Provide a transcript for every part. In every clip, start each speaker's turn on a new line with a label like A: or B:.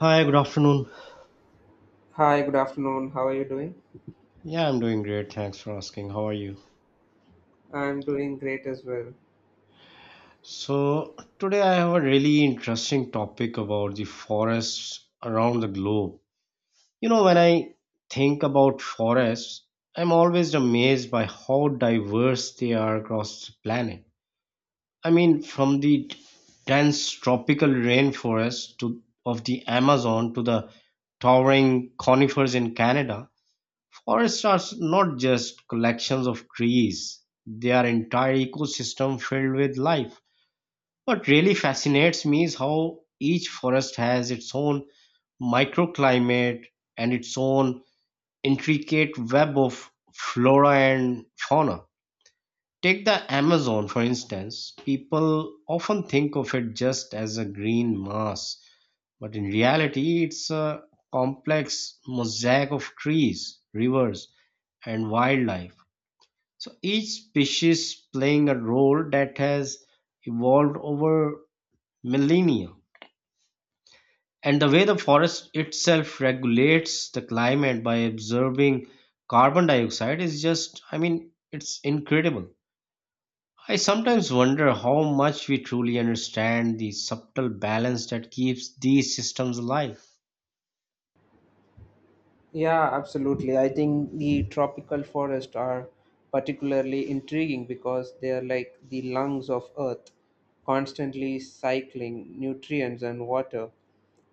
A: Hi, good afternoon.
B: Hi, good afternoon. How are you doing?
A: Yeah, I'm doing great. Thanks for asking. How are you?
B: I'm doing great as well.
A: So, today I have a really interesting topic about the forests around the globe. You know, when I think about forests, I'm always amazed by how diverse they are across the planet. I mean, from the dense tropical rainforest to of the Amazon to the towering conifers in Canada, forests are not just collections of trees, they are entire ecosystem filled with life. What really fascinates me is how each forest has its own microclimate and its own intricate web of flora and fauna. Take the Amazon, for instance. People often think of it just as a green mass, but in reality, it's a complex mosaic of trees, rivers, and wildlife so each species playing a role that has evolved over millennia. And the way the forest itself regulates the climate by absorbing carbon dioxide is just, I mean, it's incredible. I sometimes wonder how much we truly understand the subtle balance that keeps these systems alive.
B: Yeah, absolutely. I think the tropical forests are particularly intriguing because they are like the lungs of Earth, constantly cycling nutrients and water.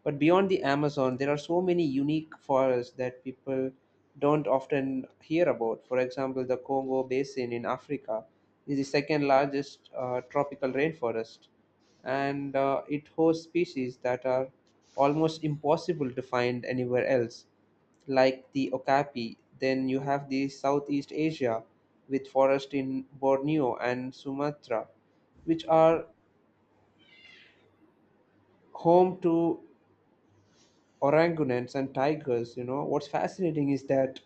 B: But beyond the Amazon, there are so many unique forests that people don't often hear about. For example, the Congo Basin in Africa is the second largest tropical rainforest, and it hosts species that are almost impossible to find anywhere else, like the okapi. Then you have the Southeast Asia with forest in Borneo and Sumatra, which are home to orangutans and tigers. You know, what's fascinating is that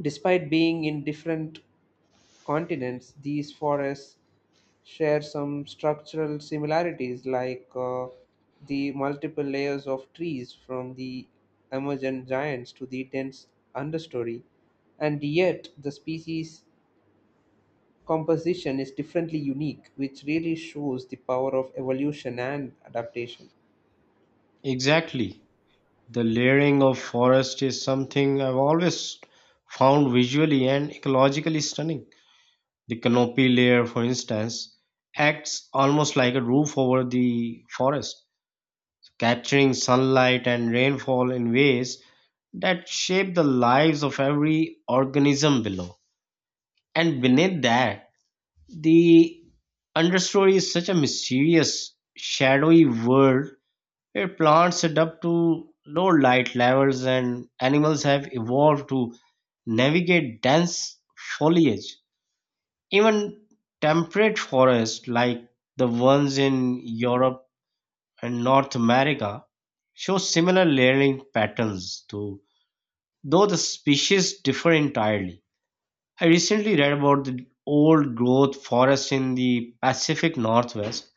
B: despite being in different continents, these forests share some structural similarities, like the multiple layers of trees, from the emergent giants to the dense understory, and yet the species composition is differently unique, which really shows the power of evolution and adaptation.
A: Exactly. The layering of forest is something I've always found visually and ecologically stunning. The canopy layer, for instance, acts almost like a roof over the forest, capturing sunlight and rainfall in ways that shape the lives of every organism below. And beneath that, the understory is such a mysterious, shadowy world where plants adapt to low light levels and animals have evolved to navigate dense foliage. Even temperate forests like the ones in Europe and North America show similar layering patterns too, though the species differ entirely. I recently read about the old growth forests in the Pacific Northwest,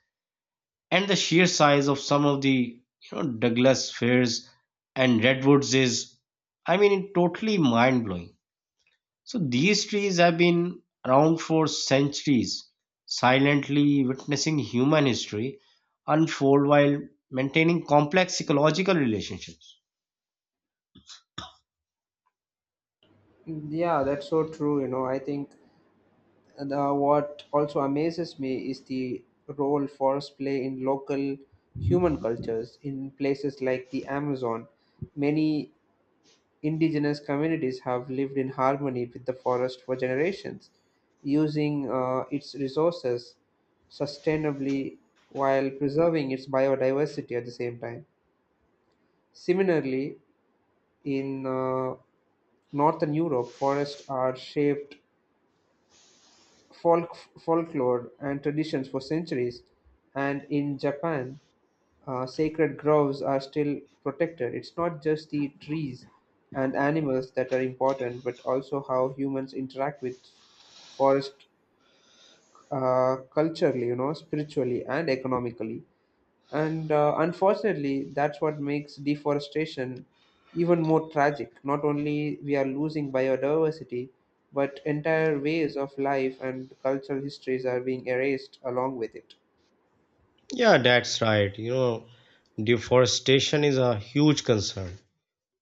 A: and the sheer size of some of the you know Douglas firs and redwoods is, I mean, totally mind blowing. So these trees have been around for centuries, silently witnessing human history unfold while maintaining complex ecological relationships.
B: Yeah, that's so true. You know, I think the what also amazes me is the role forests play in local human cultures. In places like the Amazon, many indigenous communities have lived in harmony with the forest for generations, using its resources sustainably while preserving its biodiversity at the same time. Similarly, in northern Europe, forests are shaped folk folklore and traditions for centuries, and in Japan, sacred groves are still protected. It's not just the trees and animals that are important, but also how humans interact with forest culturally, you know, spiritually and economically. And unfortunately, that's what makes deforestation even more tragic. Not only we are losing biodiversity, but entire ways of life and cultural histories are being erased along with it.
A: Yeah, that's right. You know, deforestation is a huge concern.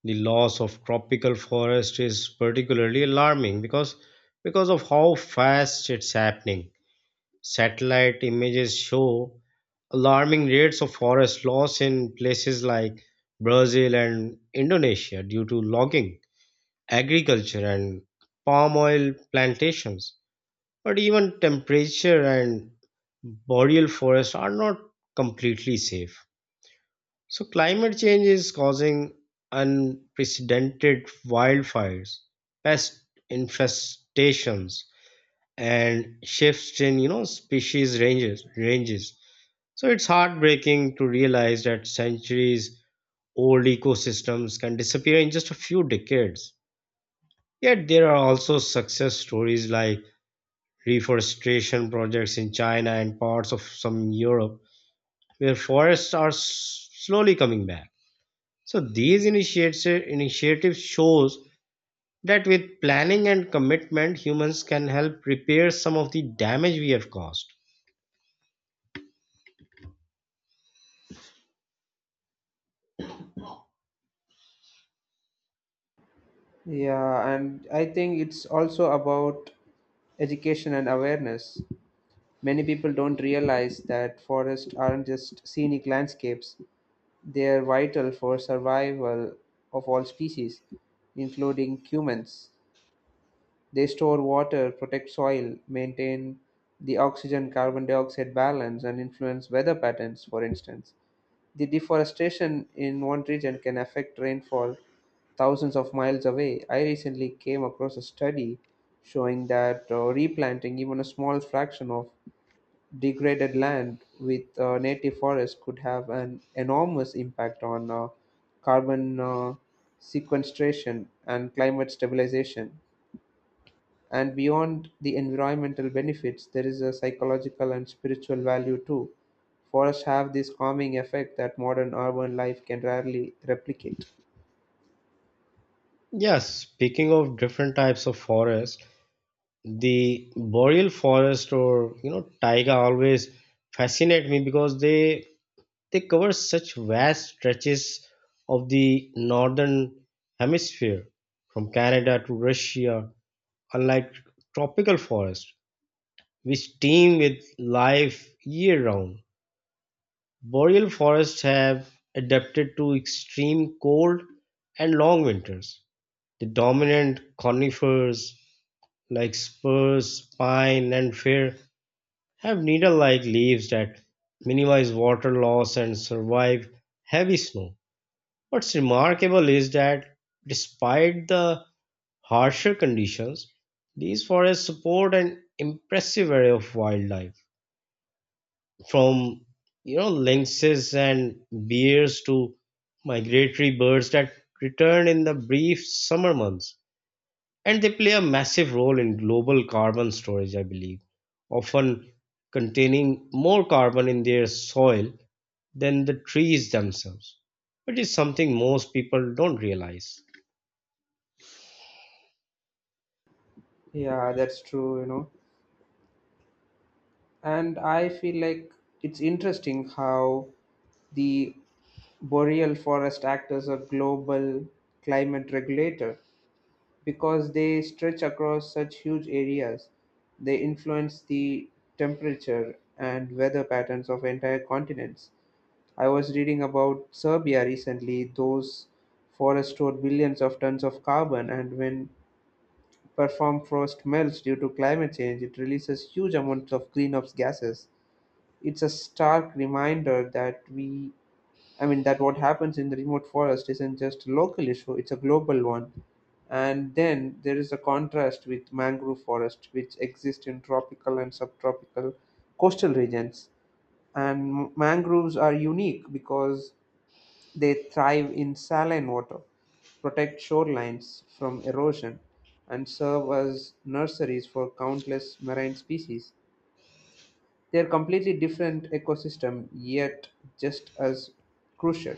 A: The loss of tropical forest is particularly alarming because of how fast it's happening. Satellite images show alarming rates of forest loss in places like Brazil and Indonesia due to logging, agriculture, and palm oil plantations. But even temperature and boreal forests are not completely safe. So, climate change is causing unprecedented wildfires, pest infestations, and shifts in you know species ranges so it's heartbreaking to realize that centuries old ecosystems can disappear in just a few decades. Yet there are also success stories like reforestation projects in China and parts of some Europe where forests are slowly coming back. So these initiatives shows that with planning and commitment humans can help repair some of the damage we have caused.
B: Yeah, and I think it's also about education and awareness. Many people don't realize that forests aren't just scenic landscapes, they are vital for survival of all species, including humans. They store water, protect soil, maintain the oxygen carbon dioxide balance, and influence weather patterns. For instance, the deforestation in one region can affect rainfall thousands of miles away. I recently came across a study showing that replanting even a small fraction of degraded land with native forests could have an enormous impact on carbon sequestration and climate stabilization. And beyond the environmental benefits, there is a psychological and spiritual value too. Forests have this calming effect that modern urban life can rarely replicate.
A: Yes, speaking of different types of forests, the boreal forest or you know taiga always fascinate me because they cover such vast stretches of the northern hemisphere from Canada to Russia. Unlike tropical forest which teem with life year round, boreal forests have adapted to extreme cold and long winters. The dominant conifers like spruce, pine and fir have needle-like leaves that minimize water loss and survive heavy snow. What's remarkable is that despite the harsher conditions, these forests support an impressive array of wildlife, from you know lynxes and bears to migratory birds that return in the brief summer months, and they play a massive role in global carbon storage, I believe, often containing more carbon in their soil than the trees themselves. Which is something most people don't realize.
B: Yeah, that's true, you know. And I feel like it's interesting how the boreal forest act as a global climate regulator because they stretch across such huge areas. They influence the temperature and weather patterns of entire continents. I was reading about Serbia recently. Those forests store billions of tons of carbon, and when perform frost melts due to climate change, it releases huge amounts of greenhouse gases. It's a stark reminder that I mean, that what happens in the remote forest isn't just a local issue; it's a global one. And then there is a contrast with mangrove forest, which exist in tropical and subtropical coastal regions, and mangroves are unique because they thrive in saline water, protect shorelines from erosion, and serve as nurseries for countless marine species. They are completely different ecosystem, yet just as crucial.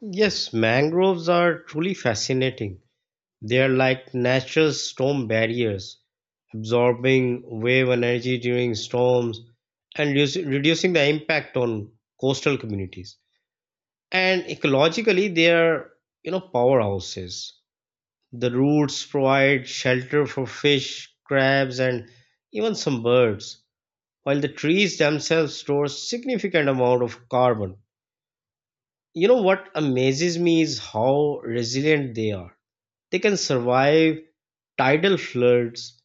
A: Yes, mangroves are truly fascinating. They are like natural storm barriers, absorbing wave energy during storms and reducing the impact on coastal communities. And ecologically, they are, you know, powerhouses. The roots provide shelter for fish, crabs, and even some birds, while the trees themselves store significant amount of carbon. You know what amazes me is how resilient they are. They can survive tidal floods,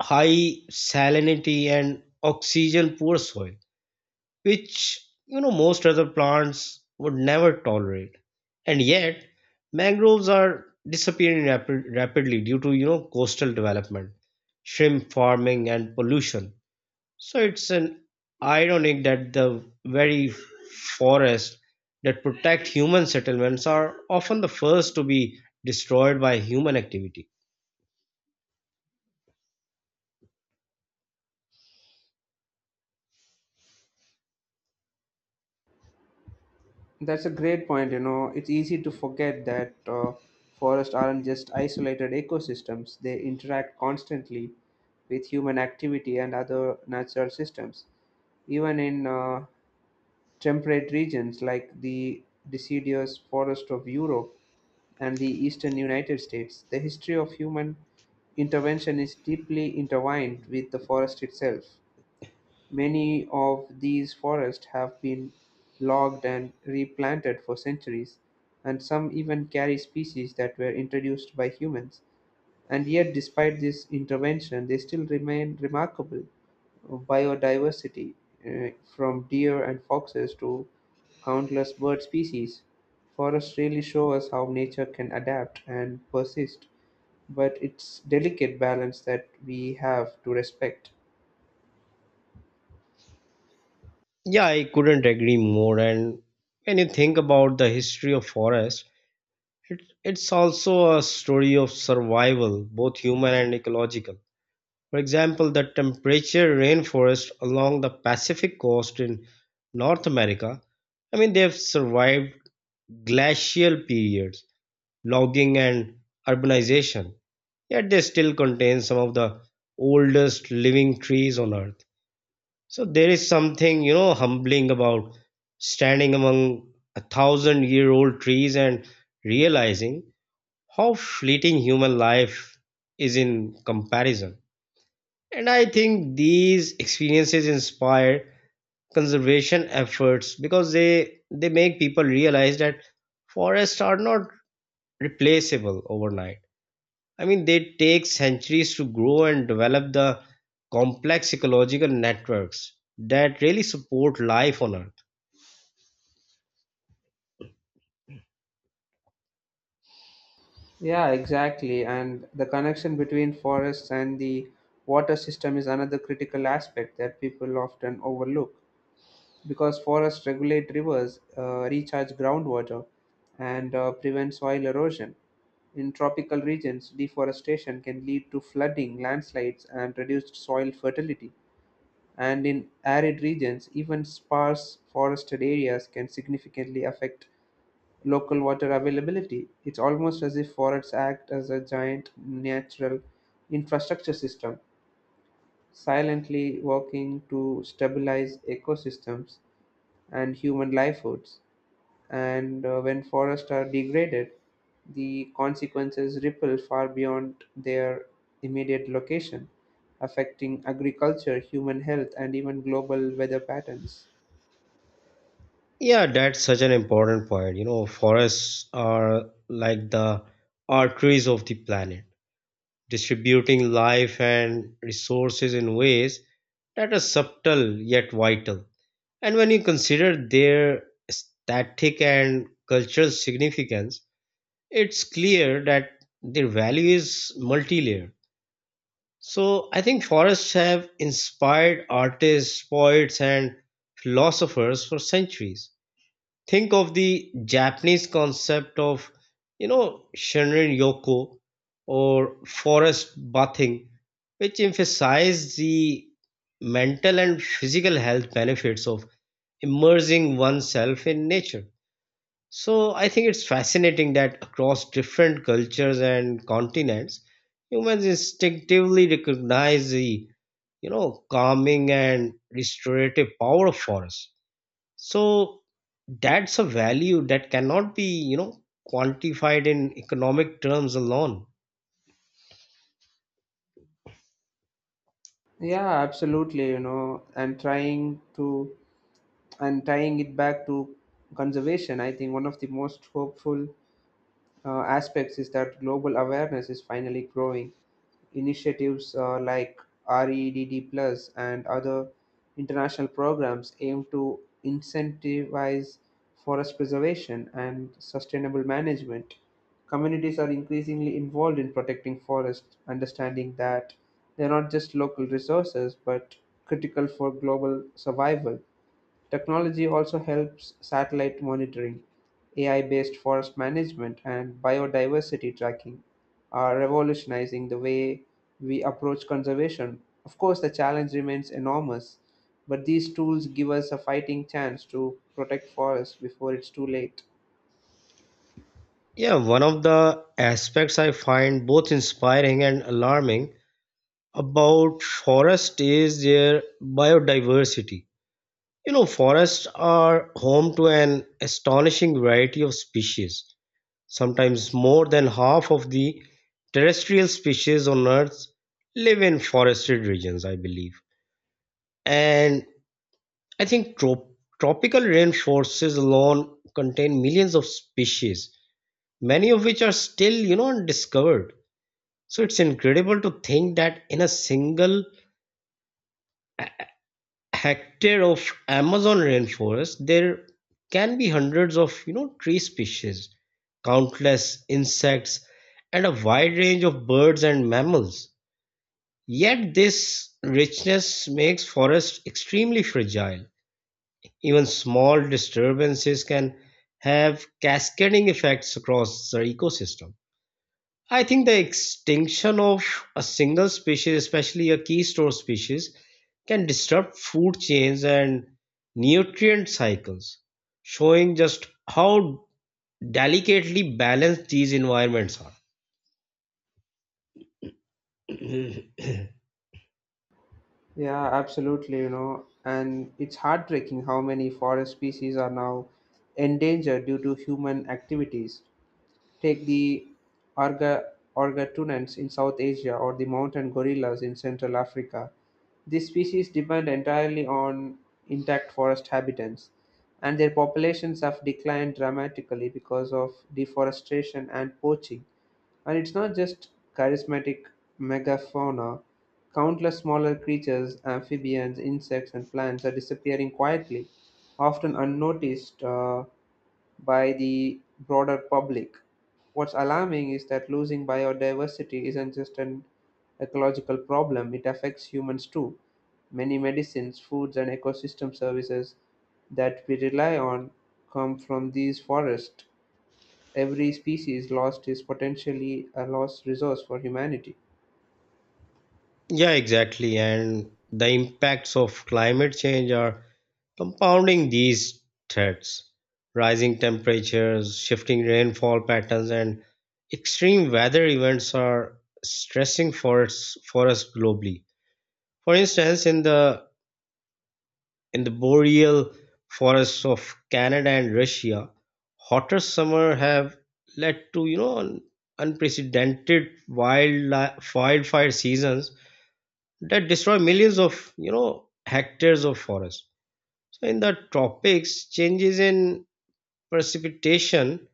A: high salinity, and oxygen poor soil, which you know most other plants would never tolerate. And yet mangroves are disappearing rapidly due to you know coastal development, shrimp farming and pollution. So it's an ironic that the very forests that protect human settlements are often the first to be destroyed by human activity.
B: That's a great point. You know, it's easy to forget that forests aren't just isolated ecosystems. They interact constantly with human activity and other natural systems. Even in temperate regions like the deciduous forest of Europe and the eastern United States, the history of human intervention is deeply intertwined with the forest itself. Many of these forests have been logged and replanted for centuries, and some even carry species that were introduced by humans. And yet, despite this intervention, they still remain remarkable. Biodiversity, uh, from deer and foxes to countless bird species. Forests really show us how nature can adapt and persist, but it's delicate balance that we have to respect.
A: Yeah, I couldn't agree more. And when you think about the history of forests, It's also a story of survival, both human and ecological. For example, the temperature rainforest along the Pacific coast in North America, I mean, they've survived glacial periods, logging, and urbanization, yet they still contain some of the oldest living trees on Earth. So there is something, you know, humbling about standing among a thousand year old trees and realizing how fleeting human life is in comparison. And I think these experiences inspire conservation efforts because they make people realize that forests are not replaceable overnight. I mean, they take centuries to grow and develop the complex ecological networks that really support life on Earth.
B: Yeah, exactly. And the connection between forests and the water system is another critical aspect that people often overlook, because forests regulate rivers, recharge groundwater, and prevent soil erosion. In tropical regions, deforestation can lead to flooding, landslides, and reduced soil fertility. And in arid regions, even sparse forested areas can significantly affect local water availability. It's almost as if forests act as a giant natural infrastructure system, silently working to stabilize ecosystems and human livelihoods. And when forests are degraded, the consequences ripple far beyond their immediate location, affecting agriculture, human health, and even global weather patterns.
A: Yeah, that's such an important point. You know, forests are like the arteries of the planet distributing life and resources in ways that are subtle yet vital. And when you consider their static and cultural significance, it's clear that their value is multi layered. So I think forests have inspired artists, poets, and philosophers for centuries. Think of the Japanese concept of, you know, Shinrin Yoko or forest bathing, which emphasize the mental and physical health benefits of immersing oneself in nature. So I think it's fascinating that across different cultures and continents, humans instinctively recognize the you know calming and restorative power of forests. So that's a value that cannot be, you know, quantified in economic terms alone.
B: Yeah, absolutely, you know, and tying it back to conservation, I think one of the most hopeful aspects is that global awareness is finally growing. Initiatives like REDD Plus and other international programs aim to incentivize forest preservation and sustainable management. Communities are increasingly involved in protecting forests, understanding that they're not just local resources but critical for global survival. Technology also helps: satellite monitoring, AI-based forest management, and biodiversity tracking are revolutionizing the way we approach conservation. Of course, the challenge remains enormous, but these tools give us a fighting chance to protect forests before it's too late.
A: Yeah, one of the aspects I find both inspiring and alarming about forest is their biodiversity. You know, forests are home to an astonishing variety of species, sometimes more than half of the terrestrial species on Earth live in forested regions, I believe. And I think tropical rainforests alone contain millions of species, many of which are still, you know, undiscovered. So it's incredible to think that in a single hectare of Amazon rainforest, there can be hundreds of, you know, tree species, countless insects, and a wide range of birds and mammals. Yet this richness makes forests extremely fragile. Even small disturbances can have cascading effects across the ecosystem. I think the extinction of a single species, especially a keystone species, can disrupt food chains and nutrient cycles, showing just how delicately balanced these environments are.
B: Yeah, absolutely, you know, and it's heartbreaking how many forest species are now endangered due to human activities. Take the Argatunans in South Asia, or the mountain gorillas in Central Africa. These species depend entirely on intact forest habitats, and their populations have declined dramatically because of deforestation and poaching. And it's not just charismatic megafauna, countless smaller creatures, amphibians, insects, and plants are disappearing quietly, often unnoticed by the broader public. What's alarming is that losing biodiversity isn't just an ecological problem, it affects humans too. Many medicines, foods, and ecosystem services that we rely on come from these forests. Every species lost is potentially a lost resource for humanity.
A: Yeah, exactly. And the impacts of climate change are compounding these threats. Rising temperatures, shifting rainfall patterns, and extreme weather events are stressing forests globally. For instance, in the boreal forests of Canada and Russia, hotter summer have led to you know unprecedented wildfire seasons that destroy millions of you know hectares of forest. So in the tropics changes in precipitation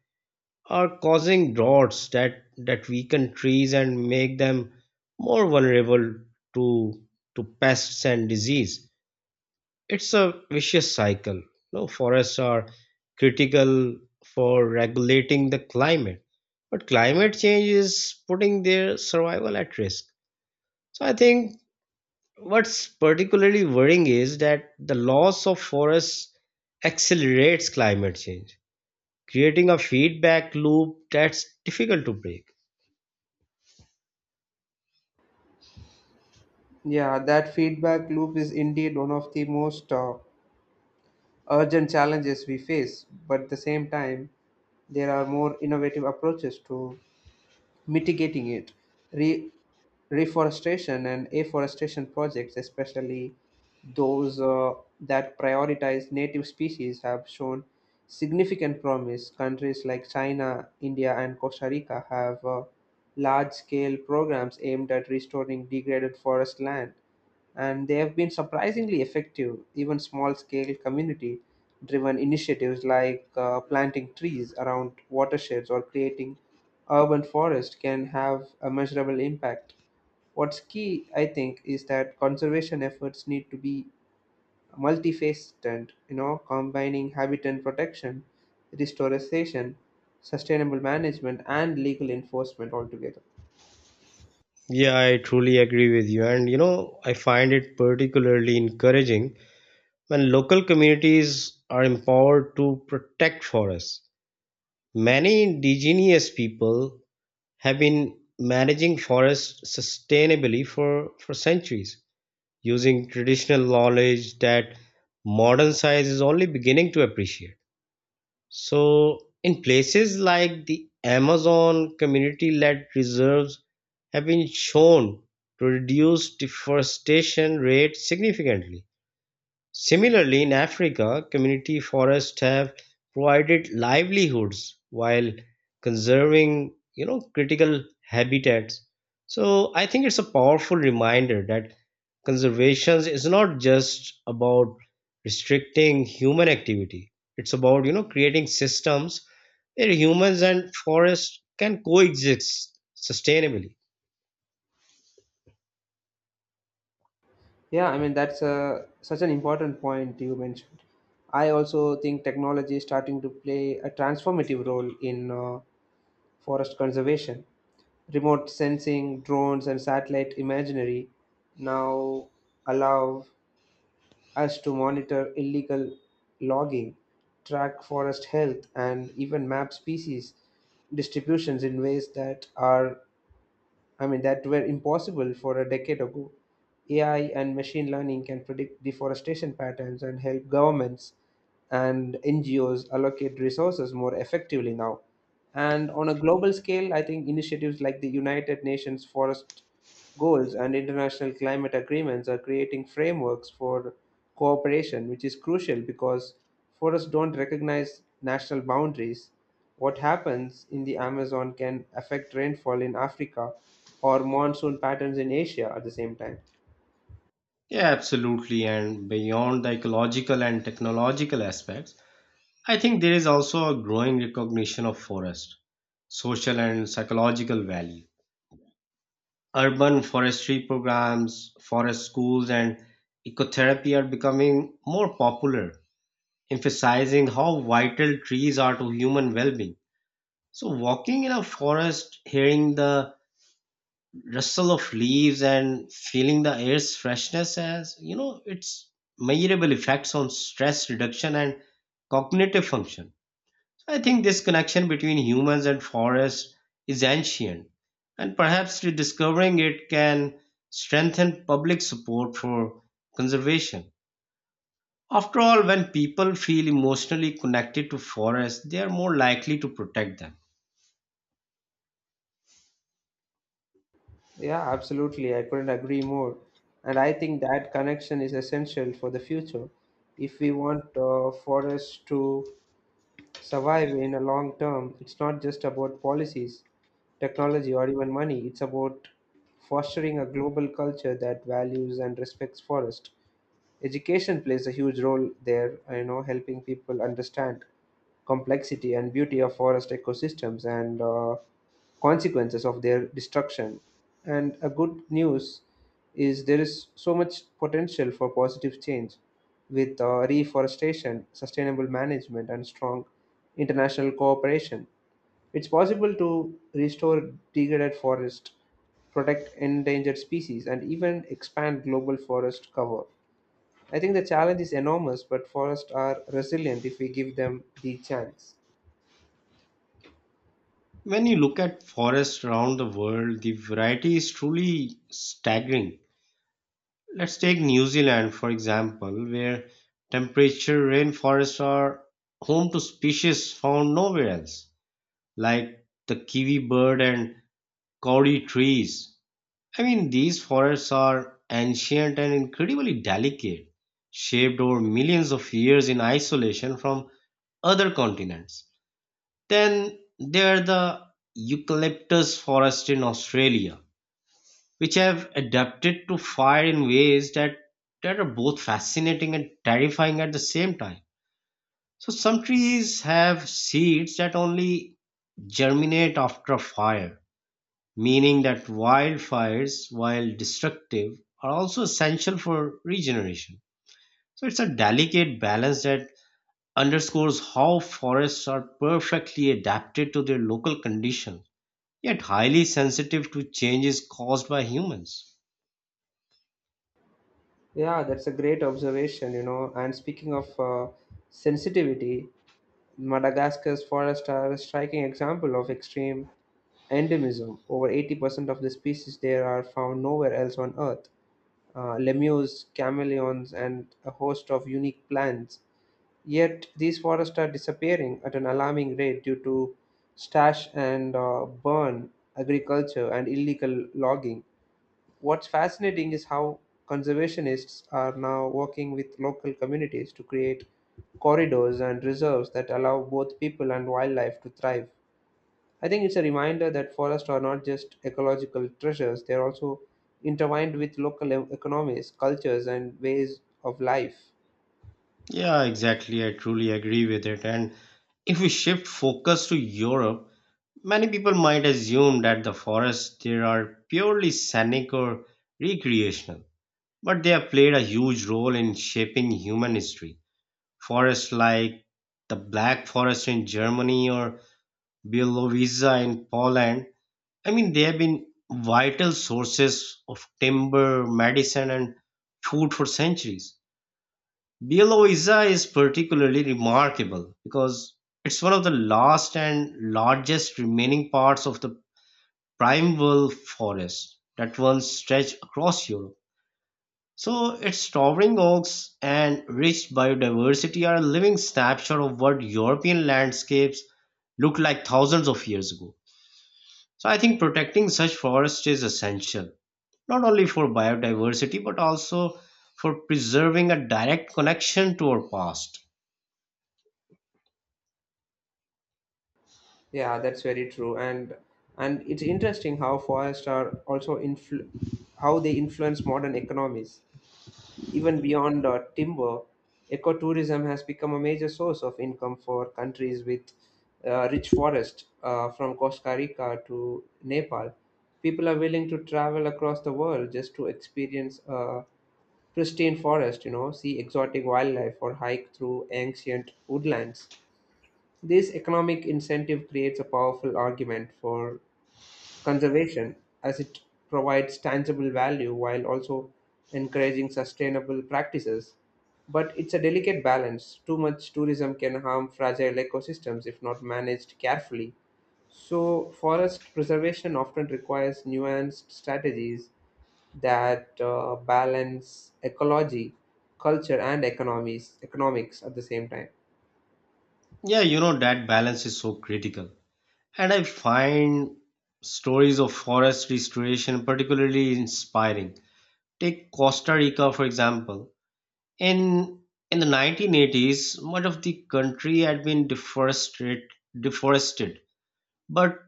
A: are causing droughts that weaken trees and make them more vulnerable to to pests and disease. It's a vicious cycle. No, forests are critical for regulating the climate but climate change is putting their survival at risk. So I think what's particularly worrying is that the loss of forests accelerates climate change, creating a feedback loop that's difficult to break.
B: Yeah, that feedback loop is indeed one of the most urgent challenges we face, but at the same time, there are more innovative approaches to mitigating it. Re- Reforestation and afforestation projects, especially those that prioritize native species, have shown significant promise. Countries like China, India, and Costa Rica have large scale programs aimed at restoring degraded forest land, and they have been surprisingly effective. Even small scale community driven initiatives like planting trees around watersheds or creating urban forest can have a measurable impact. What's key, I think, is that conservation efforts need to be multifaceted, you know, combining habitat protection, restoration, sustainable management, and legal enforcement altogether.
A: Yeah, I truly agree with you. And you know, I find it particularly encouraging when local communities are empowered to protect forests. Many indigenous people have been managing forests sustainably for centuries using traditional knowledge that modern science is only beginning to appreciate. So, in places like the Amazon, community led reserves have been shown to reduce deforestation rates significantly. Similarly, in Africa, community forests have provided livelihoods while conserving, you know, critical habitats. So I think it's a powerful reminder that conservation is not just about restricting human activity. It's about, you know, creating systems where humans and forests can coexist sustainably.
B: Yeah, I mean that's such an important point you mentioned. I also think technology is starting to play a transformative role in forest conservation. Remote sensing, drones, and satellite imagery now allow us to monitor illegal logging, track forest health, and even map species distributions in ways I mean, that were impossible for a decade ago. AI and machine learning can predict deforestation patterns and help governments and NGOs allocate resources more effectively now. And on a global scale, I think initiatives like the United Nations Forest Goals and international climate agreements are creating frameworks for cooperation, which is crucial because forests don't recognize national boundaries. What happens in the Amazon can affect rainfall in Africa or monsoon patterns in Asia at the same time.
A: Yeah, absolutely. And beyond the ecological and technological aspects, I think there is also a growing recognition of forest, social and psychological value. Urban forestry programs, forest schools, and ecotherapy are becoming more popular, emphasizing how vital trees are to human well being. So, walking in a forest, hearing the rustle of leaves, and feeling the air's freshness has, you know, its measurable effects on stress reduction and cognitive function. I think this connection between humans and forests is ancient, and perhaps rediscovering it can strengthen public support for conservation. After all, when people feel emotionally connected to forests, they are more likely to protect them.
B: Yeah, absolutely. I couldn't agree more. And I think that connection is essential for the future. If we want forests to survive in a long term, it's not just about policies, technology, or even money. It's about fostering a global culture that values and respects forest. Education plays a huge role there, you know, helping people understand complexity and beauty of forest ecosystems and consequences of their destruction. And a good news is there is so much potential for positive change with reforestation, sustainable management, and strong international cooperation. It's possible to restore degraded forest, protect endangered species, and even expand global forest cover. I think the challenge is enormous, but forests are resilient if we give them the chance.
A: When you look at forests around the world, the variety is truly staggering. Let's take New Zealand, for example, where temperature rainforests are home to species found nowhere else, like the kiwi bird and kauri trees. I mean, these forests are ancient and incredibly delicate, shaped over millions of years in isolation from other continents. Then there are the eucalyptus forest in Australia, which have adapted to fire in ways that are both fascinating and terrifying at the same time. So some trees have seeds that only germinate after a fire, meaning that wildfires, while destructive, are also essential for regeneration. So it's a delicate balance that underscores how forests are perfectly adapted to their local condition, yet highly sensitive to changes caused by humans.
B: Yeah, that's a great observation, you know. And speaking of sensitivity, Madagascar's forests are a striking example of extreme endemism. Over 80% of the species there are found nowhere else on Earth. Lemurs, chameleons, and a host of unique plants. Yet these forests are disappearing at an alarming rate due to stash and burn agriculture and illegal logging. What's fascinating is how conservationists are now working with local communities to create corridors and reserves that allow both people and wildlife to thrive. I think it's a reminder that forests are not just ecological treasures, they're also intertwined with local economies, cultures, and ways of life.
A: Yeah, exactly. I truly agree with it. And if we shift focus to Europe, many people might assume that the forests there are purely scenic or recreational, but they have played a huge role in shaping human history. Forests like the Black Forest in Germany or Bielowieża in Poland, I mean, they have been vital sources of timber, medicine, and food for centuries. Bielowieża is particularly remarkable because it's one of the last and largest remaining parts of the primeval forest that once stretched across Europe. So its towering oaks and rich biodiversity are a living snapshot of what European landscapes looked like thousands of years ago. So I think protecting such forests is essential, not only for biodiversity but also for preserving a direct connection to our past.
B: Yeah, that's very true, and it's interesting how forests are also how they influence modern economies. Even beyond timber, ecotourism has become a major source of income for countries with rich forest, from Costa Rica to Nepal. People are willing to travel across the world just to experience a pristine forest, you know, see exotic wildlife, or hike through ancient woodlands. This economic incentive creates a powerful argument for conservation, as it provides tangible value while also encouraging sustainable practices. But it's a delicate balance. Too much tourism can harm fragile ecosystems if not managed carefully. So, forest preservation often requires nuanced strategies that balance ecology, culture, and economics at the same time.
A: Yeah, you know that balance is so critical. And I find stories of forest restoration particularly inspiring. Take Costa Rica for example. In in the 1980s, much of the country had been deforested, but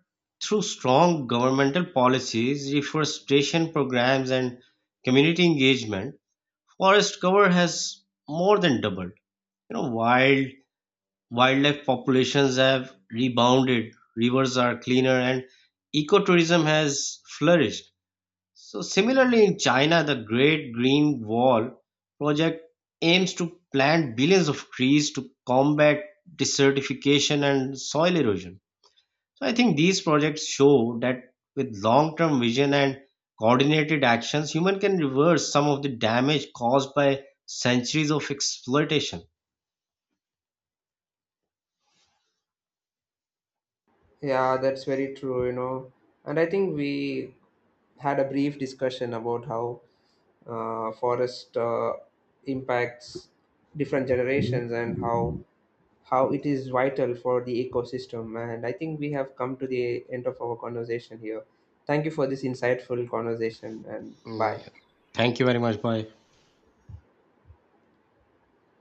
A: through strong governmental policies, reforestation programs, and community engagement, forest cover has more than doubled. You know, wildlife populations have rebounded, rivers are cleaner, and ecotourism has flourished. So similarly in China, the Great Green Wall project aims to plant billions of trees to combat desertification and soil erosion. So I think these projects show that with long-term vision and coordinated actions, human can reverse some of the damage caused by centuries of exploitation.
B: Yeah, that's very true, you know. And I think we had a brief discussion about how forest impacts different generations and how it is vital for the ecosystem. And I think we have come to the end of our conversation here. Thank you for this insightful conversation and bye.
A: Mm, thank you very much. Bye.